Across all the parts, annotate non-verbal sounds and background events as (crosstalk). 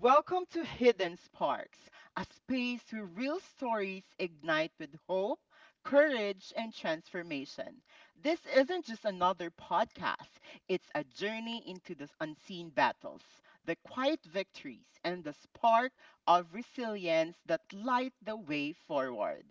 Welcome to Hidden Sparks, a space where real stories ignite with hope, courage, and transformation. This isn't just another podcast, it's a journey into the unseen battles, the quiet victories, and the spark of resilience that light the way forward.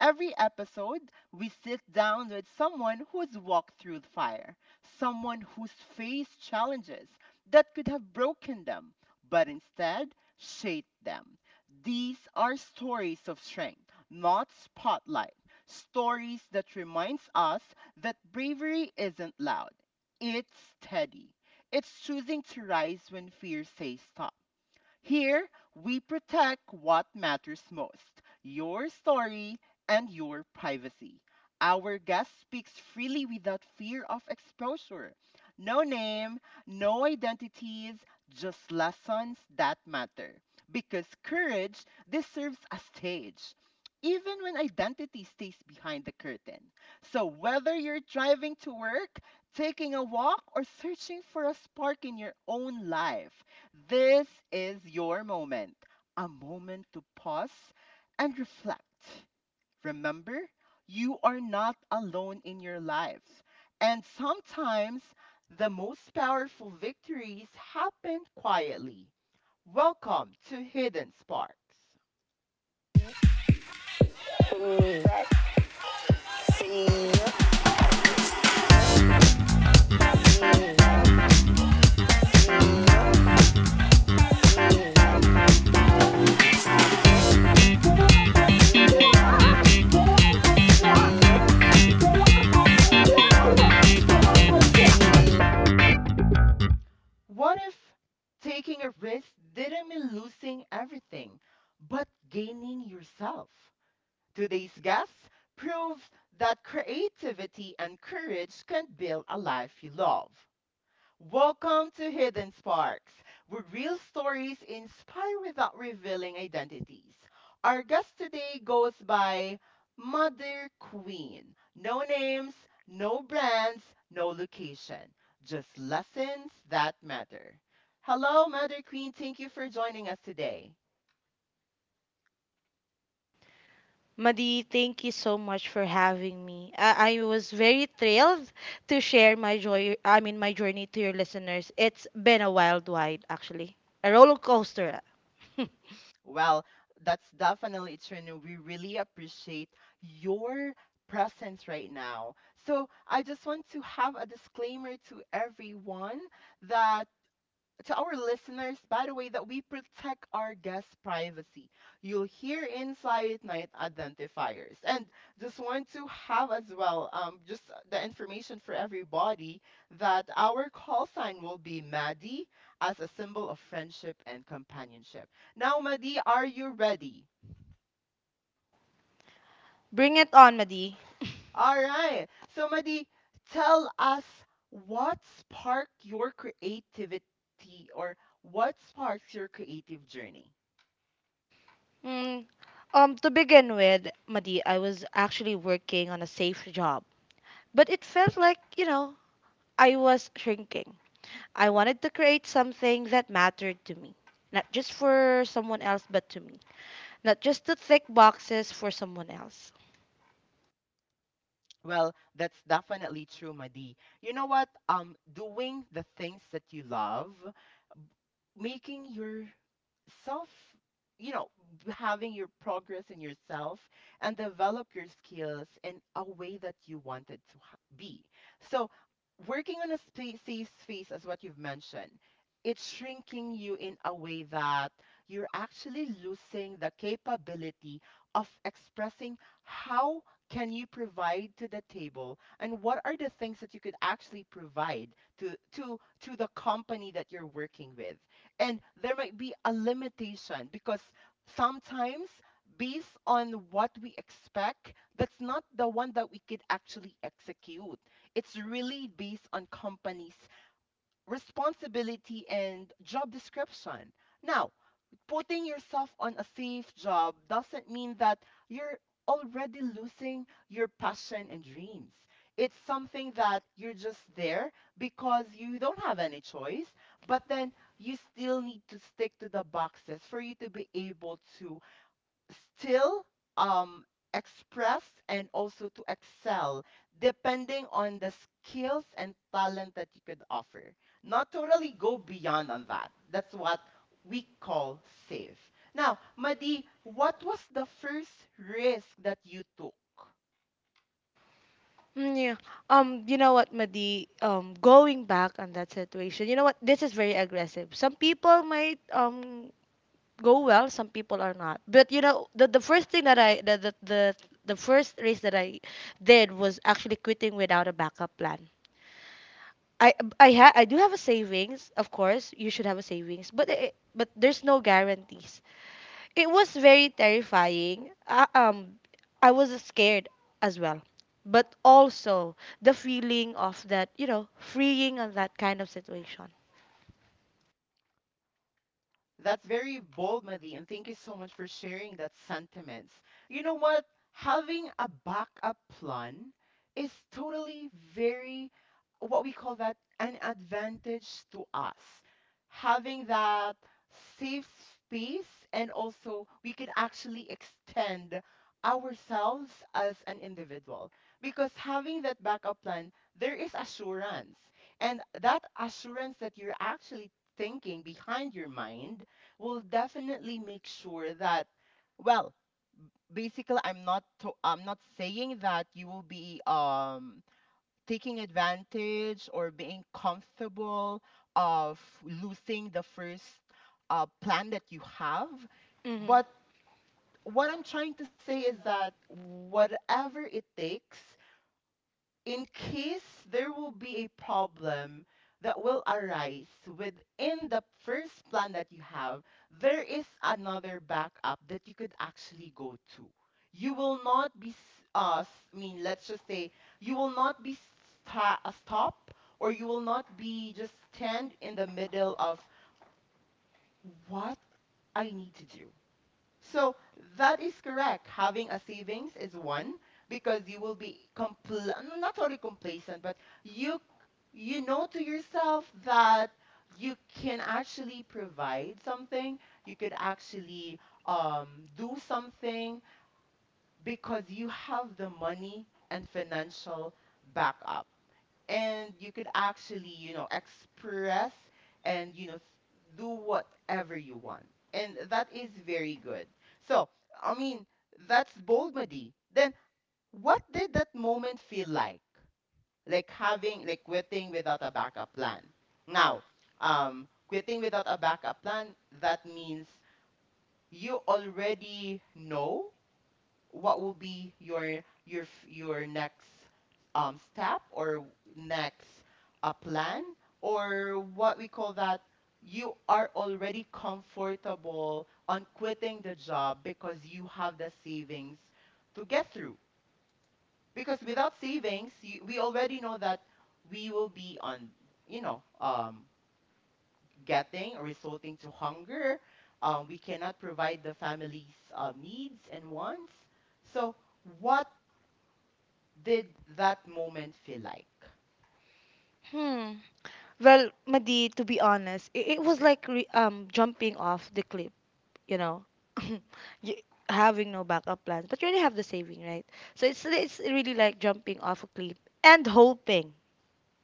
Every episode, we sit down with someone who's walked through the fire, someone who's faced challenges that could have broken them but instead shape them. These are stories of strength, not spotlight. Stories that reminds us that bravery isn't loud. It's steady. It's choosing to rise when fear says stop. Here, we protect what matters most, your story and your privacy. Our guest speaks freely without fear of exposure. No name, no identities, just lessons that matter. Because courage deserves a stage, even when identity stays behind the curtain. So, whether you're driving to work, taking a walk, or searching for a spark in your own life, this is your moment, a moment to pause and reflect. Remember, you are not alone in your life. And sometimes the most powerful victories happen quietly. Welcome to Hidden Sparks. What if taking a risk didn't mean losing everything, but gaining yourself? Today's guest proves that creativity and courage can build a life you love. Welcome to Hidden Sparks, where real stories inspire without revealing identities. Our guest today goes by Mother Queen. No names, no brands, no location, just lessons that matter. Hello, Mother Queen. Thank you for joining us today. Madi, thank you so much for having me. I was very thrilled to share my joy. I mean, my journey to your listeners. It's been a wild ride, actually, a roller coaster. (laughs) Well, that's definitely, it's Trinu. We really appreciate your presence right now. So I just want to have a disclaimer to everyone that, to our listeners, by the way, that we protect our guests' privacy. You'll hear Inside Night identifiers. And just want to have as well, just the information for everybody that our call sign will be Maddie, as a symbol of friendship and companionship. Now, Maddie, are you ready? Bring it on, Madi. All right. So, Maddie, tell us, what sparked your creativity, or what sparks your creative journey? Mm, to begin with, Madi, I was actually working on a safe job, but it felt like I was shrinking. I wanted to create something that mattered to me, not just for someone else, but to me, not just to tick boxes for someone else. Well, that's definitely true, Madi. You know what? Doing the things that you love, making your self, you know having your progress in yourself and develop your skills in a way that you wanted to be, so working on a safe space as what you've mentioned, it's shrinking you in a way that you're actually losing the capability of expressing how can you provide to the table, and what are the things that you could actually provide to the company that you're working with. And there might be a limitation, because sometimes, based on what we expect, that's not the one that we could actually execute. It's really based on companies' responsibility and job description. Now, putting yourself on a safe job doesn't mean that you're already losing your passion and dreams. It's something that you're just there because you don't have any choice, but then you still need to stick to the boxes for you to be able to still, um, express and also to excel, depending on the skills and talent that you could offer, not totally go beyond on that. That's what we call safe. Now, Madi, what was the first risk that you took? Yeah. You know what, Madi? Going back on that situation, you know what? This is very aggressive. Some people might go well, some people are not. But you know, the first thing that I the first race that I did was actually quitting without a backup plan. I do have a savings, of course. You should have a savings, but there's no guarantees. It was very terrifying. I was scared as well, but also the feeling of that, you know, freeing on that kind of situation. That's very bold, Madi, and thank you so much for sharing that sentiments. You know what? Having a backup plan is totally, very, what we call that, an advantage to us. Having that safe space, and also we could actually extend ourselves as an individual, because having that backup plan, there is assurance, and that assurance that you're actually thinking behind your mind will definitely make sure that, well, basically, I'm not saying that you will be taking advantage or being comfortable of losing the first plan that you have. Hmm. But what I'm trying to say is that whatever it takes, in case there will be a problem that will arise within the first plan that you have, there is another backup that you could actually go to. You will not be, I mean, let's just say, you will not be stop, or you will not be just stand in the middle of what I need to do. So that is correct. Having a savings is one, because you will be not only complacent, but you c- you know to yourself that you can actually provide something. You could actually, do something, because you have the money and financial backup, and you could actually express, and do whatever you want, and that is very good. So I mean, that's bold, Madi. Then what did that moment feel like? Like having, like quitting without a backup plan. Now, quitting without a backup plan, that means you already know what will be your your your next step, next plan, or what we call that, you are already comfortable on quitting the job because you have the savings to get through. Because without savings, we already know that we will be on, you know um getting or resulting to hunger. We cannot provide the family's needs and wants. So, what did that moment feel like? Hmm. Well, Madi, to be honest, it was like jumping off the cliff, you know, (laughs) (clears throat) you, having no backup plans, but you already have the saving, right? So it's really like jumping off a cliff and hoping,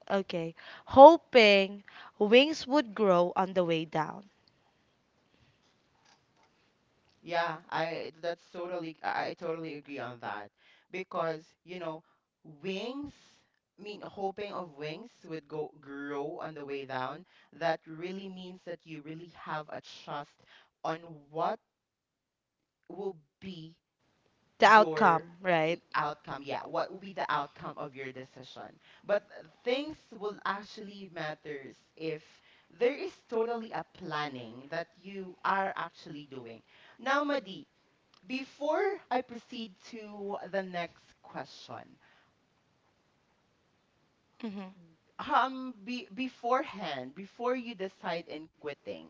okay, hoping wings would grow on the way down. Yeah, I totally agree on that, because wings. I mean, hoping of wings would go grow on the way down. That really means that you really have a trust on what will be The your outcome, right? Outcome. Yeah, what will be the outcome of your decision? But things will actually matters, if there is totally a planning that you are actually doing. Now, Madi, before I proceed to the next question, Mm-hmm. Beforehand, before you decide in quitting,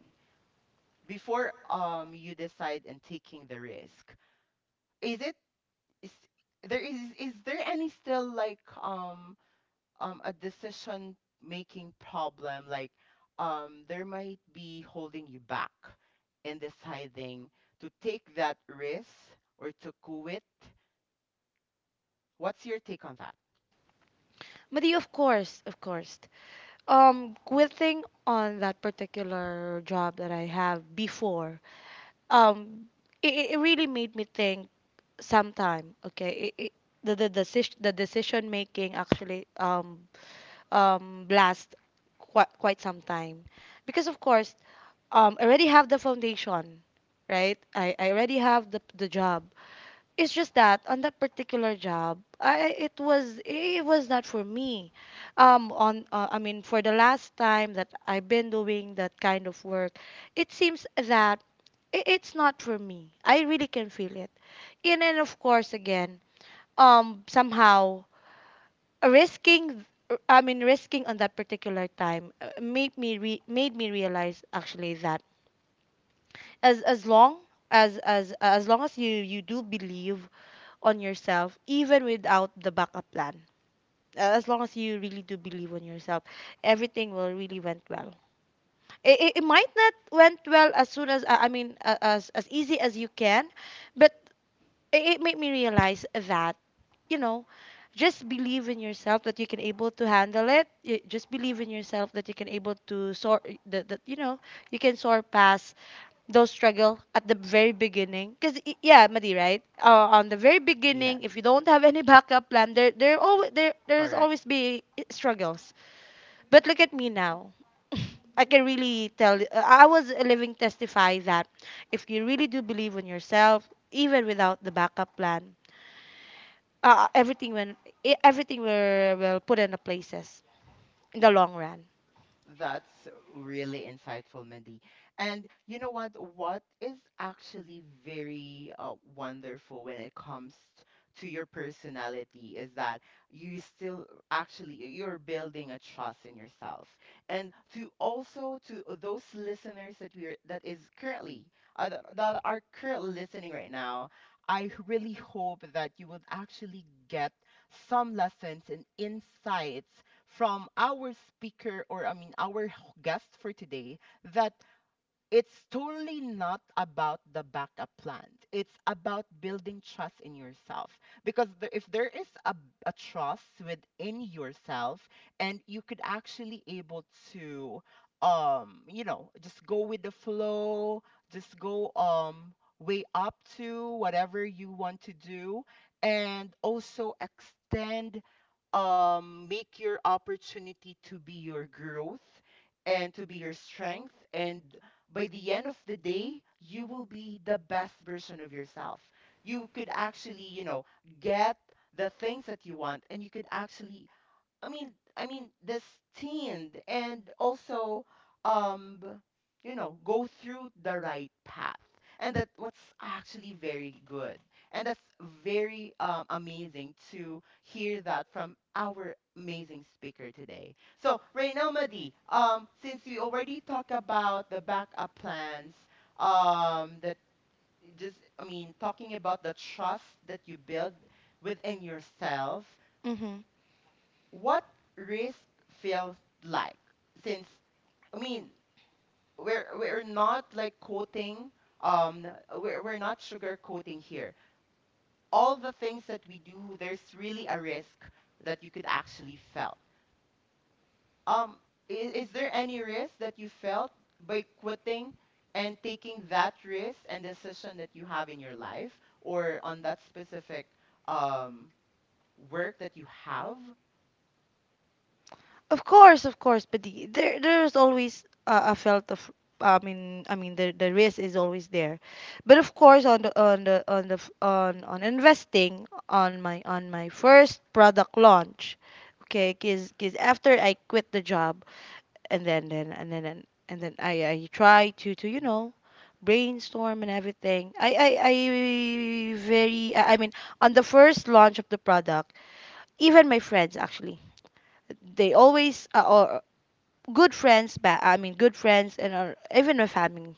before you decide in taking the risk, is it is, is there any still like, a decision making problem, like, there might be holding you back in deciding to take that risk or to quit. What's your take on that? Madi, of course, of course. Quitting on that particular job that I have before, um, it really made me think sometime. Okay, it, the decision making actually last quite some time, because of course I already have the foundation, right? I already have the job. It's just that on that particular job, I it was not for me. For the last time that I've been doing that kind of work, it seems that it's not for me. I really can feel it. And then of course again, somehow risking, risking on that particular time made me realize actually that as as long as long as you do believe on yourself even without the backup plan. As long as you really do believe on yourself, everything will really went well. It might not went well as soon as as easy as you can, but it made me realize that you know just believe in yourself that you can able to handle it You- just Believe in yourself that you can able to sort that, that you know you can sort past those struggle at the very beginning because yeah Madi, right. On the very Yes, beginning, if you don't have any (laughs) backup plan, there's correct. always be struggles, but look at me now. (laughs) I can really tell I was a living testify that if you really do believe in yourself even without the backup plan, uh, everything when everything will put in the places in the long run. That's really insightful, Mindy. And you know what? What is actually very, wonderful when it comes to your personality, is that you still actually you're building a trust in yourself. And to also to those listeners that we are that is currently that, that are currently listening right now, I really hope that you would actually get some lessons and insights from our speaker, or I mean, our guest for today, that it's totally not about the backup plans. It's about building trust in yourself. Because if there is a trust within yourself, and you could actually able to, just go with the flow, just go way up to whatever you want to do, and also extend, make your opportunity to be your growth and to be your strength. And by the end of the day, you will be the best version of yourself. You could actually, get the things that you want, and you could actually, I mean, I mean, destined, and also, um, b- go through the right path, and that what's actually very good, and that's very, amazing to hear that from our amazing speaker today. So right now, Madi, since we already talked about the backup plans, um, that just, I mean, talking about the trust that you build within yourself, Mm-hmm. what risk feels like. Since, I mean, we're not like coating, um we're not sugarcoating here. All the things that we do, there's really a risk that you could actually felt. um is there any risk that you felt by quitting and taking that risk and decision that you have in your life, or on that specific um work that you have? Of course, but there's always a felt of, the the risk is always there. But of course on on investing on my first product launch. Okay, cuz after I quit the job and then and then I try to you know brainstorm and everything. I very I mean on the first launch of the product even my friends actually, they always are good friends, but I mean good friends, and are, even my family.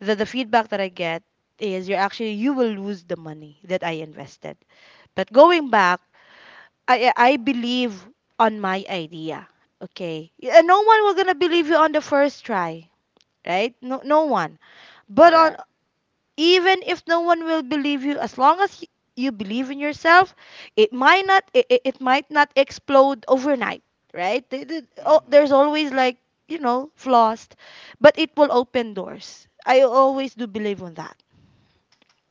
The feedback that I get is you're actually you will lose the money that I invested. But going back, I believe on my idea. Okay, and no one will gonna believe you on the first try, right? No, no one. But on, Correct. even if no one will believe you, as long as you believe in yourself, it might not, it it might not explode overnight, right? Hmm. There's always like you know flaws, but it will open doors. I always do believe on that.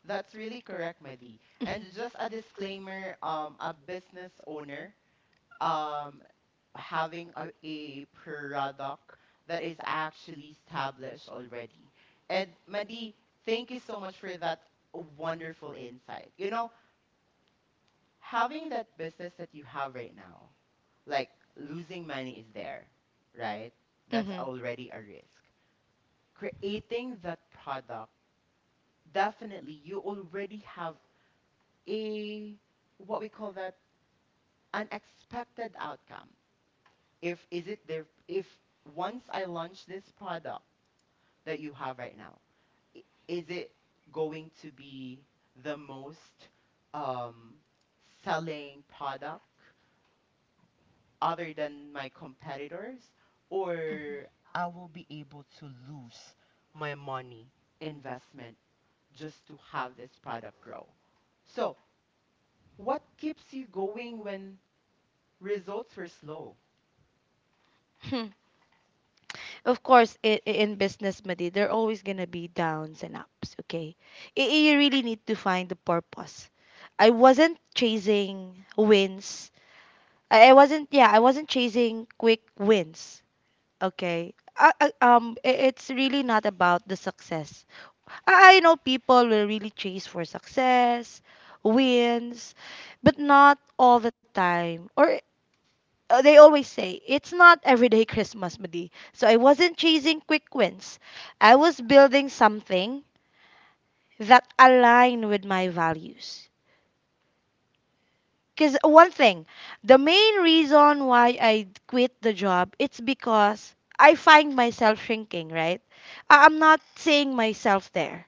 That's really correct, Madi. And just a disclaimer, a business owner, um, having a product that is actually established already. And Madi, thank you so much for that wonderful insight. You know, having that business that you have right now, like, losing money is there, right? That's (laughs) already a risk. Creating that product, definitely you already have a, what we call that, unexpected outcome. If is it there, if once I launch this product that you have right now, i- is it going to be the most, um, selling product other than my competitors, or I will be able to lose my money investment just to have this product grow? So, what keeps you going when results were slow? hmm Of course, in business, Madi, there are always gonna be downs and ups. Okay, you really need to find the purpose. I wasn't chasing wins. I wasn't. Yeah, I wasn't chasing quick wins. Okay. It's really not about the success. I know people will really chase for success, wins, but not all the time. Or They always say it's not everyday Christmas, Madi. So I wasn't chasing quick wins. I was building something that aligned with my values. Because one thing, the main reason why I quit the job, it's because I find myself shrinking, right? I'm not seeing myself there.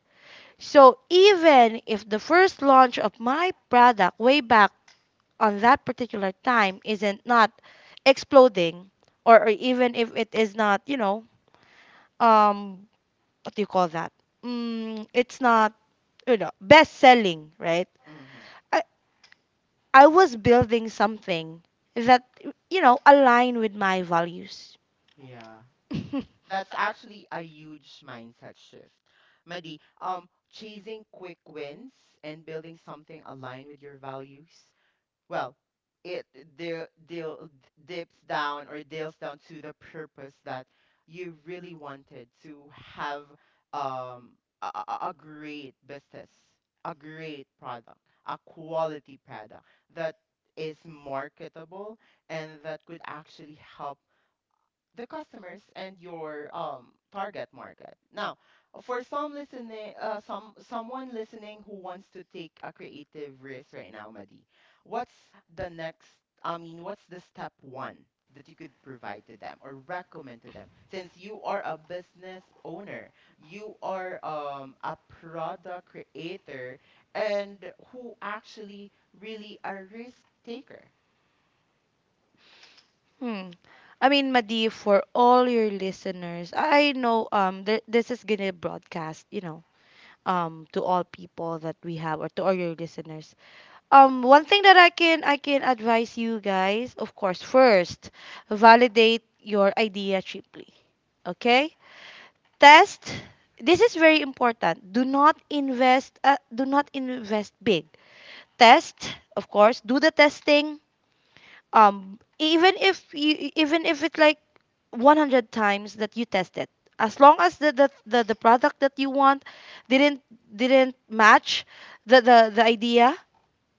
So even if the first launch of my product way back on that particular time isn't not exploding, or even if it is not you know um what do you call that mm, it's not you know best selling, right? Hmm. I, I was building something that you know align with my values. Yeah. That's actually a huge mindset shift. Madi, chasing quick wins and building something aligned with your values, well, it de- deal deals down to the purpose that you really wanted to have, um, a great business, a great product, a quality product that is marketable and that could actually help the customers and your target market. Now, for some listening, someone listening who wants to take a creative risk right now, Madi, what's the next? I mean, what's the step one that you could provide to them or recommend to them? Since you are a business owner, you are a product creator, and who actually really a risk taker. (laughs) hmm. I mean, Madi, for all your listeners, I know this is gonna broadcast, you know, to all people that we have or to all your listeners. One thing that I can advise you guys, of course, first, validate your idea cheaply. Okay? Test. This is very important. Do not invest, do not invest big. Test, of course, do the testing. Even if you, even if it's like 100 times that you test it. As long as the product that you want didn't didn't match the idea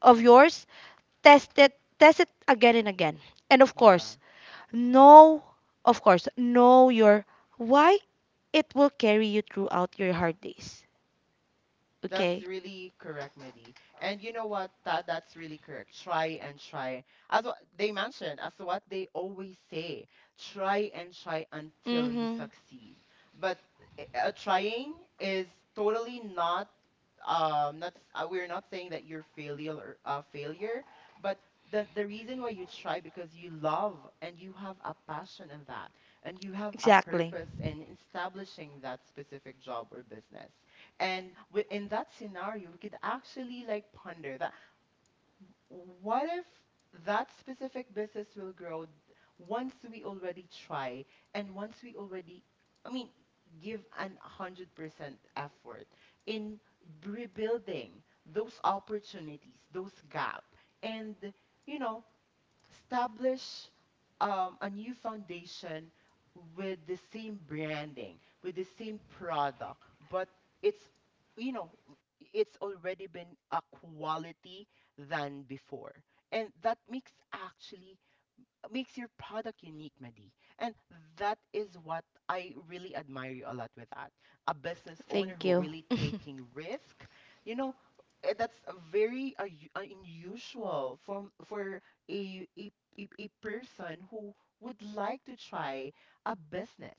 of yours, test it, test it again and again. And of course know, of course know your why. It will carry you throughout your hard days, That's okay? really correct, Mehdi. And you know what? That's really correct. Try and try. As what they mentioned, as what they always say, try and try until you Mm-hmm. succeed. But trying is totally not not we're not saying that you're failure or a failure, but the reason why you try because you love and you have a passion in that, and you have a Exactly. purpose in establishing that specific job or business. And in that scenario, we could actually like ponder that what if that specific business will once we already try and once we already, I mean, give an 100% effort in rebuilding those opportunities, those gap, and, you know, establish a new foundation with the same branding, with the same product, but it's, you know, it's already been a quality than before, and that makes actually makes your product unique, Madi. And that is what I really admire you a lot with that. A business owner Thank who you. really (laughs) taking risk. You know, that's a very unusual from for a, a a person who would like to try a business.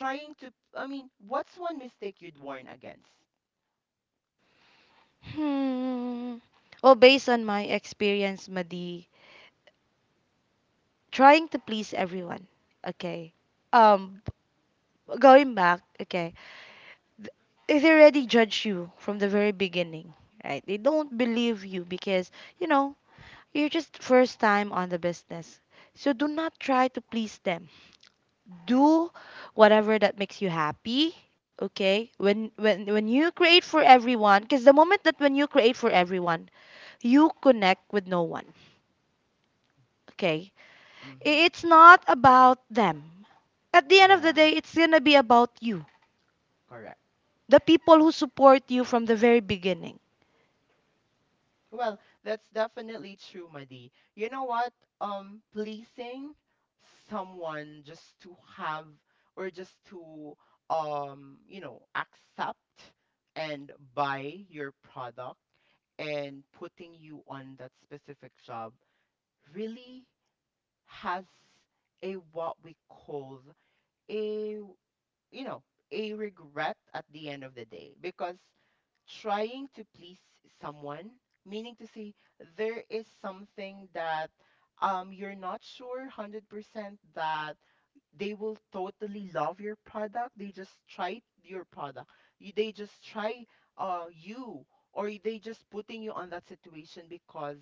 Trying to, I mean, what's one mistake you'd warn against? hmm well, based on my experience, Madi, trying to please everyone. Okay. um Going back, okay, if they already judge you from the very beginning, right, they don't believe you because you know you're just first time on the business. So do not try to please them. Do whatever that makes you happy, okay? When you create for everyone, because the moment that when you create for everyone, you connect with no one. Okay? Mm-hmm. It's not about them. At the end of the Yeah, day, it's gonna be about you. correct. The people who support you from the very beginning. Well, that's definitely true, Madi. You know what? Pleasing someone just to have or just to you know, accept and buy your product and putting you on that specific job really has a what we call a, you know, a regret at the end of the day, because trying to please someone, meaning to say there is something that you're not sure 100% that they will totally love your product. They just try your product. They just try you, or they just putting you on that situation because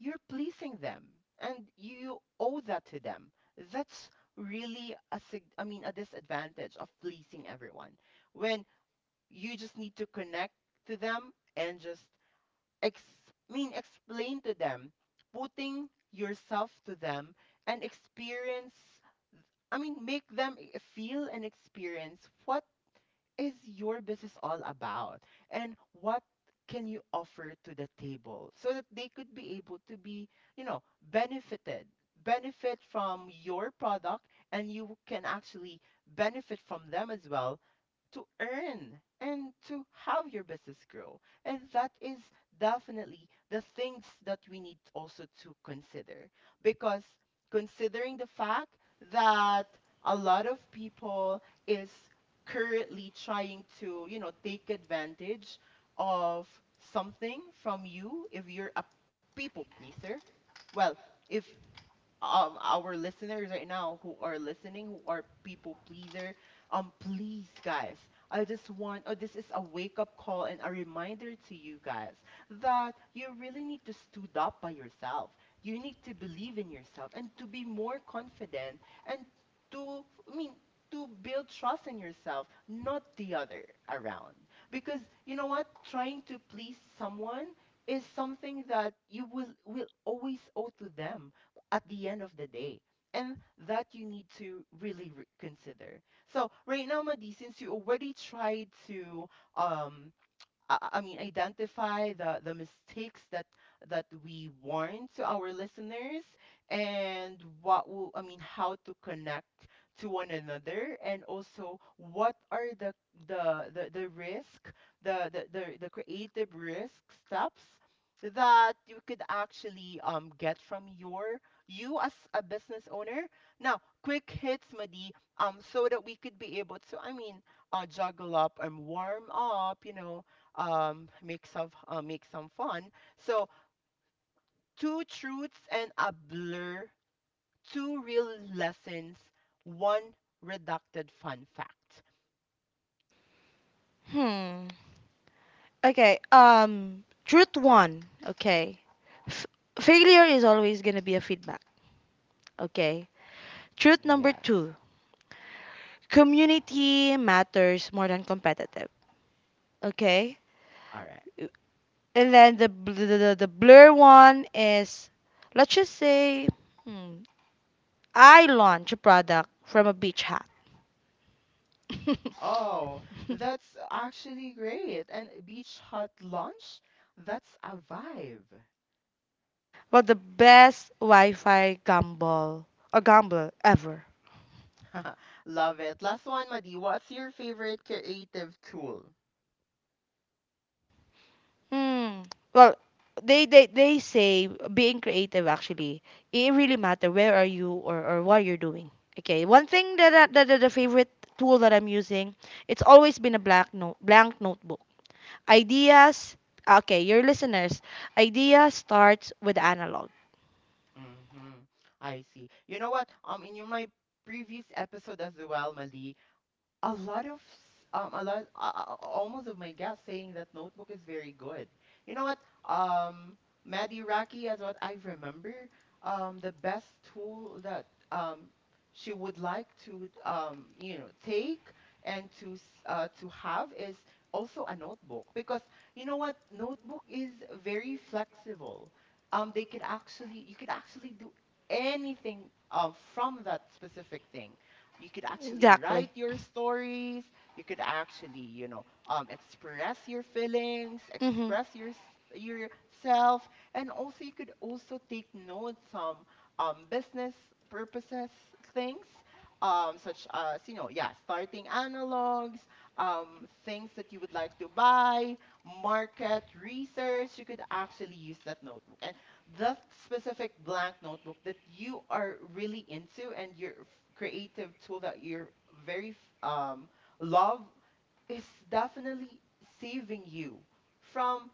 you're pleasing them and you owe that to them. That's really a I mean a disadvantage of pleasing everyone. When you just need to connect to them and just ex mean explain to them, putting yourself to them and experience, I mean make them feel and experience what is your business all about, and what can you offer to the table so that they could be able to be, you know, benefited benefit from your product, and you can actually benefit from them as well, to earn and to have your business grow. And that is definitely the things that we need also to consider, because considering the fact that a lot of people is currently trying to, you know, take advantage of something from you if you're a people pleaser. Well, if our listeners right now who are listening who are people pleaser, please guys, I just want, oh, this is a wake up call and a reminder to you guys that you really need to stood up by yourself. You need to believe in yourself and to be more confident, and to, I mean, to build trust in yourself, not the other around, because, you know what, trying to please someone is something that you will always owe to them at the end of the day. And that you need to really consider. So right now, Madi, since you already tried to um, I mean, identify the mistakes that that we warn to our listeners, and what will, I mean, how to connect to one another, and also what are the the risk, the creative risk steps that you could actually get from your you as a business owner. Now, quick hits, Madi, so that we could be able to, I mean, juggle up and warm up, you know, make some fun, so two truths and a blur, two real lessons, one redacted fun fact. Hmm. Okay, truth one, okay. F- Failure is always gonna be a feedback. Okay. Truth number Yes. two, community matters more than competitive. Okay. All right. And then the, the blur one is, let's just say, hmm, I launch a product from a beach hut. (laughs) Oh, that's actually great, and beach hut lunch, that's a vibe. Well, the best Wi Fi gamble or gamble ever. (laughs) Love it. Last one, Madi, what's your favorite creative tool? Mm. Well, they, they say being creative actually, it really matter where are you, or what you're doing. Okay, one thing that, that the favorite tool that I'm using, it's always been a black note blank notebook. Ideas, okay, your listeners, idea starts with analog. Mm-hmm. I see. You know what, in your, my previous episode as well, Madi, a lot of a lot almost of my guests saying that notebook is very good. You know what, um Maddie Raki, as what I remember, the best tool that um she would like to you know take and to to have is also a notebook, because, you know what, notebook is very flexible. They could actually, you could actually do anything from that specific thing. You could actually Exactly. write your stories, you could actually, you know, express your feelings, Mhm. express your yourself, and also you could also take note some business purposes things, such as, you know, yeah, starting analogs, things that you would like to buy, market research. You could actually use that notebook, and the specific blank notebook that you are really into, and you're creative tool that you're very f- um, love is definitely saving you from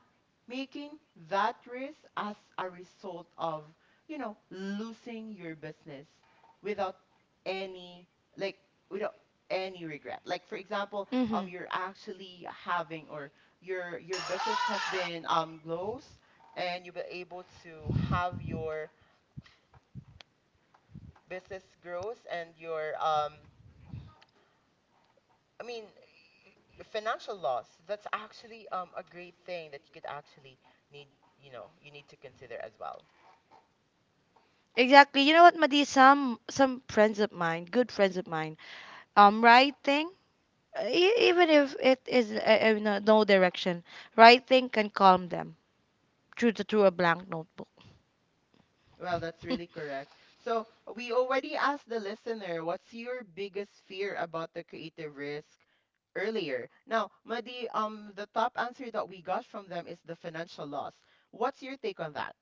making that risk as a result of, you know, losing your business without any, like, without any regret. Like, for example, Mhm. You're actually having, or your business has been grows, and you'll be able to have your business grows, and your I mean, y- financial loss, that's actually a great thing that you could actually need, you know, you need to consider as well. Exactly. You know what, Madi? Some friends of mine, good friends of mine, writing, even if it is no, no direction, writing can calm them through through a blank notebook. Well, that's really (laughs) correct. So we already asked the listener, what's your biggest fear about the creative risk earlier? Now, Madi, the top answer that we got from them is the financial loss. What's your take on that?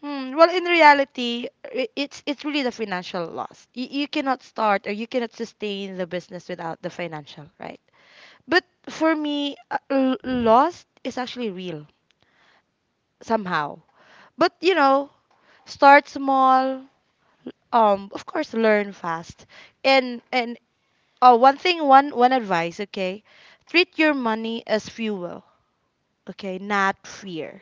Hmm. Well, in reality, it's really the financial loss. You cannot start or you cannot sustain the business without the financial, right? But for me, loss is actually real somehow. But you know, start small. Of course, learn fast. And oh, one thing, one advice, okay? Treat your money as fuel, okay, not fear.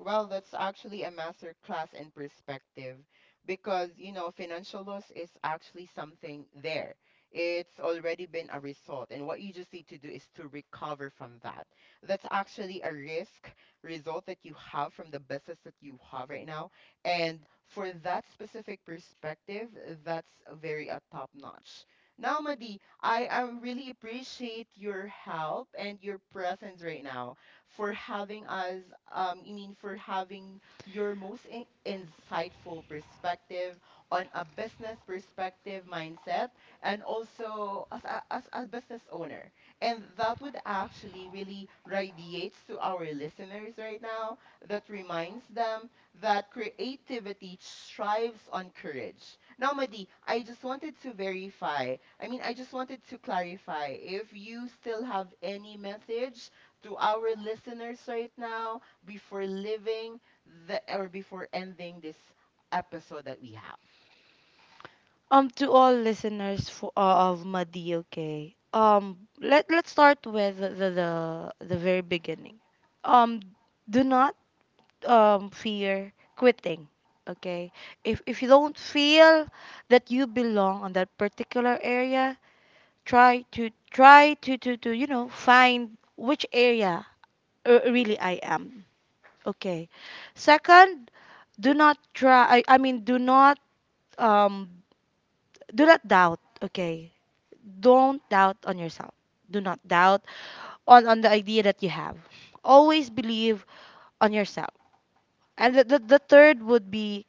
Well, that's actually a master class in perspective, because, you know, financial loss is actually something there. It's already been a result, and what you just need to do is to recover from that. That's actually a risk result that you have from the business that you have right now. And for that specific perspective, that's very a top notch. Now, Madi, I really appreciate your help and your presence right now for having us, I mean, for having your most insightful perspective on a business perspective mindset, and also as as a business owner. And that would actually really radiates to our listeners right now, that reminds them that creativity thrives on courage. Now, Madi, I just wanted to verify, I mean, I just wanted to clarify if you still have any message to our listeners right now before living the or before ending this episode that we have. To all listeners for, of Madi, okay. Let's start with the very beginning. Um, do not fear quitting, okay. If you don't feel that you belong on that particular area, try to you know find which area really I am, okay. Second, do not try. I mean, um do not doubt, okay? Don't doubt on yourself. Do not doubt on the idea that you have. Always believe on yourself. And the third would be,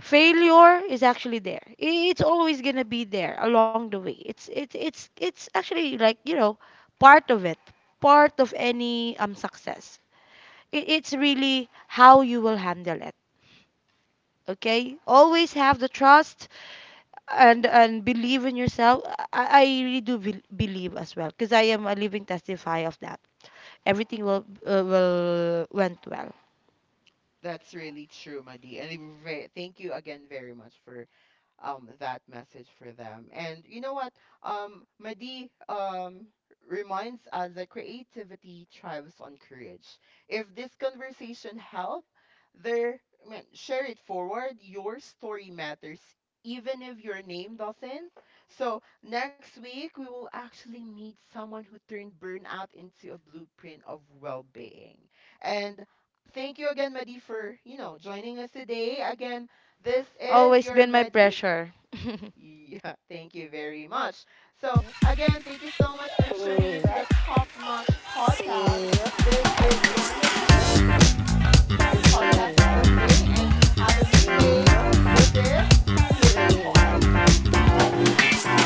failure is actually there. It's always gonna be there along the way. It's actually like you know part of it, part of any success. It's really how you will handle it, okay? Always have the trust and believe in yourself. I really do believe as well because I am a living testify of that. Everything will went well. That's really true, Madi. And we thank you again very much for that message for them. And you know what? Madi reminds us that creativity thrives on courage. If this conversation helped, there, I mean, share it forward. Your story matters even if your name doesn't. So next week we will actually meet someone who turned burnout into a blueprint of well-being. And thank you again, Madi, for, you know, joining us today. Again, this is Always your been my Medi. pressure. (laughs) Yeah, (laughs) thank you very much. So, again, thank you so much for tuning into the Top Notch Podcast. This is your Madi, your podcaster for today, and have a great day. This is Hidden Spark. Bye for now.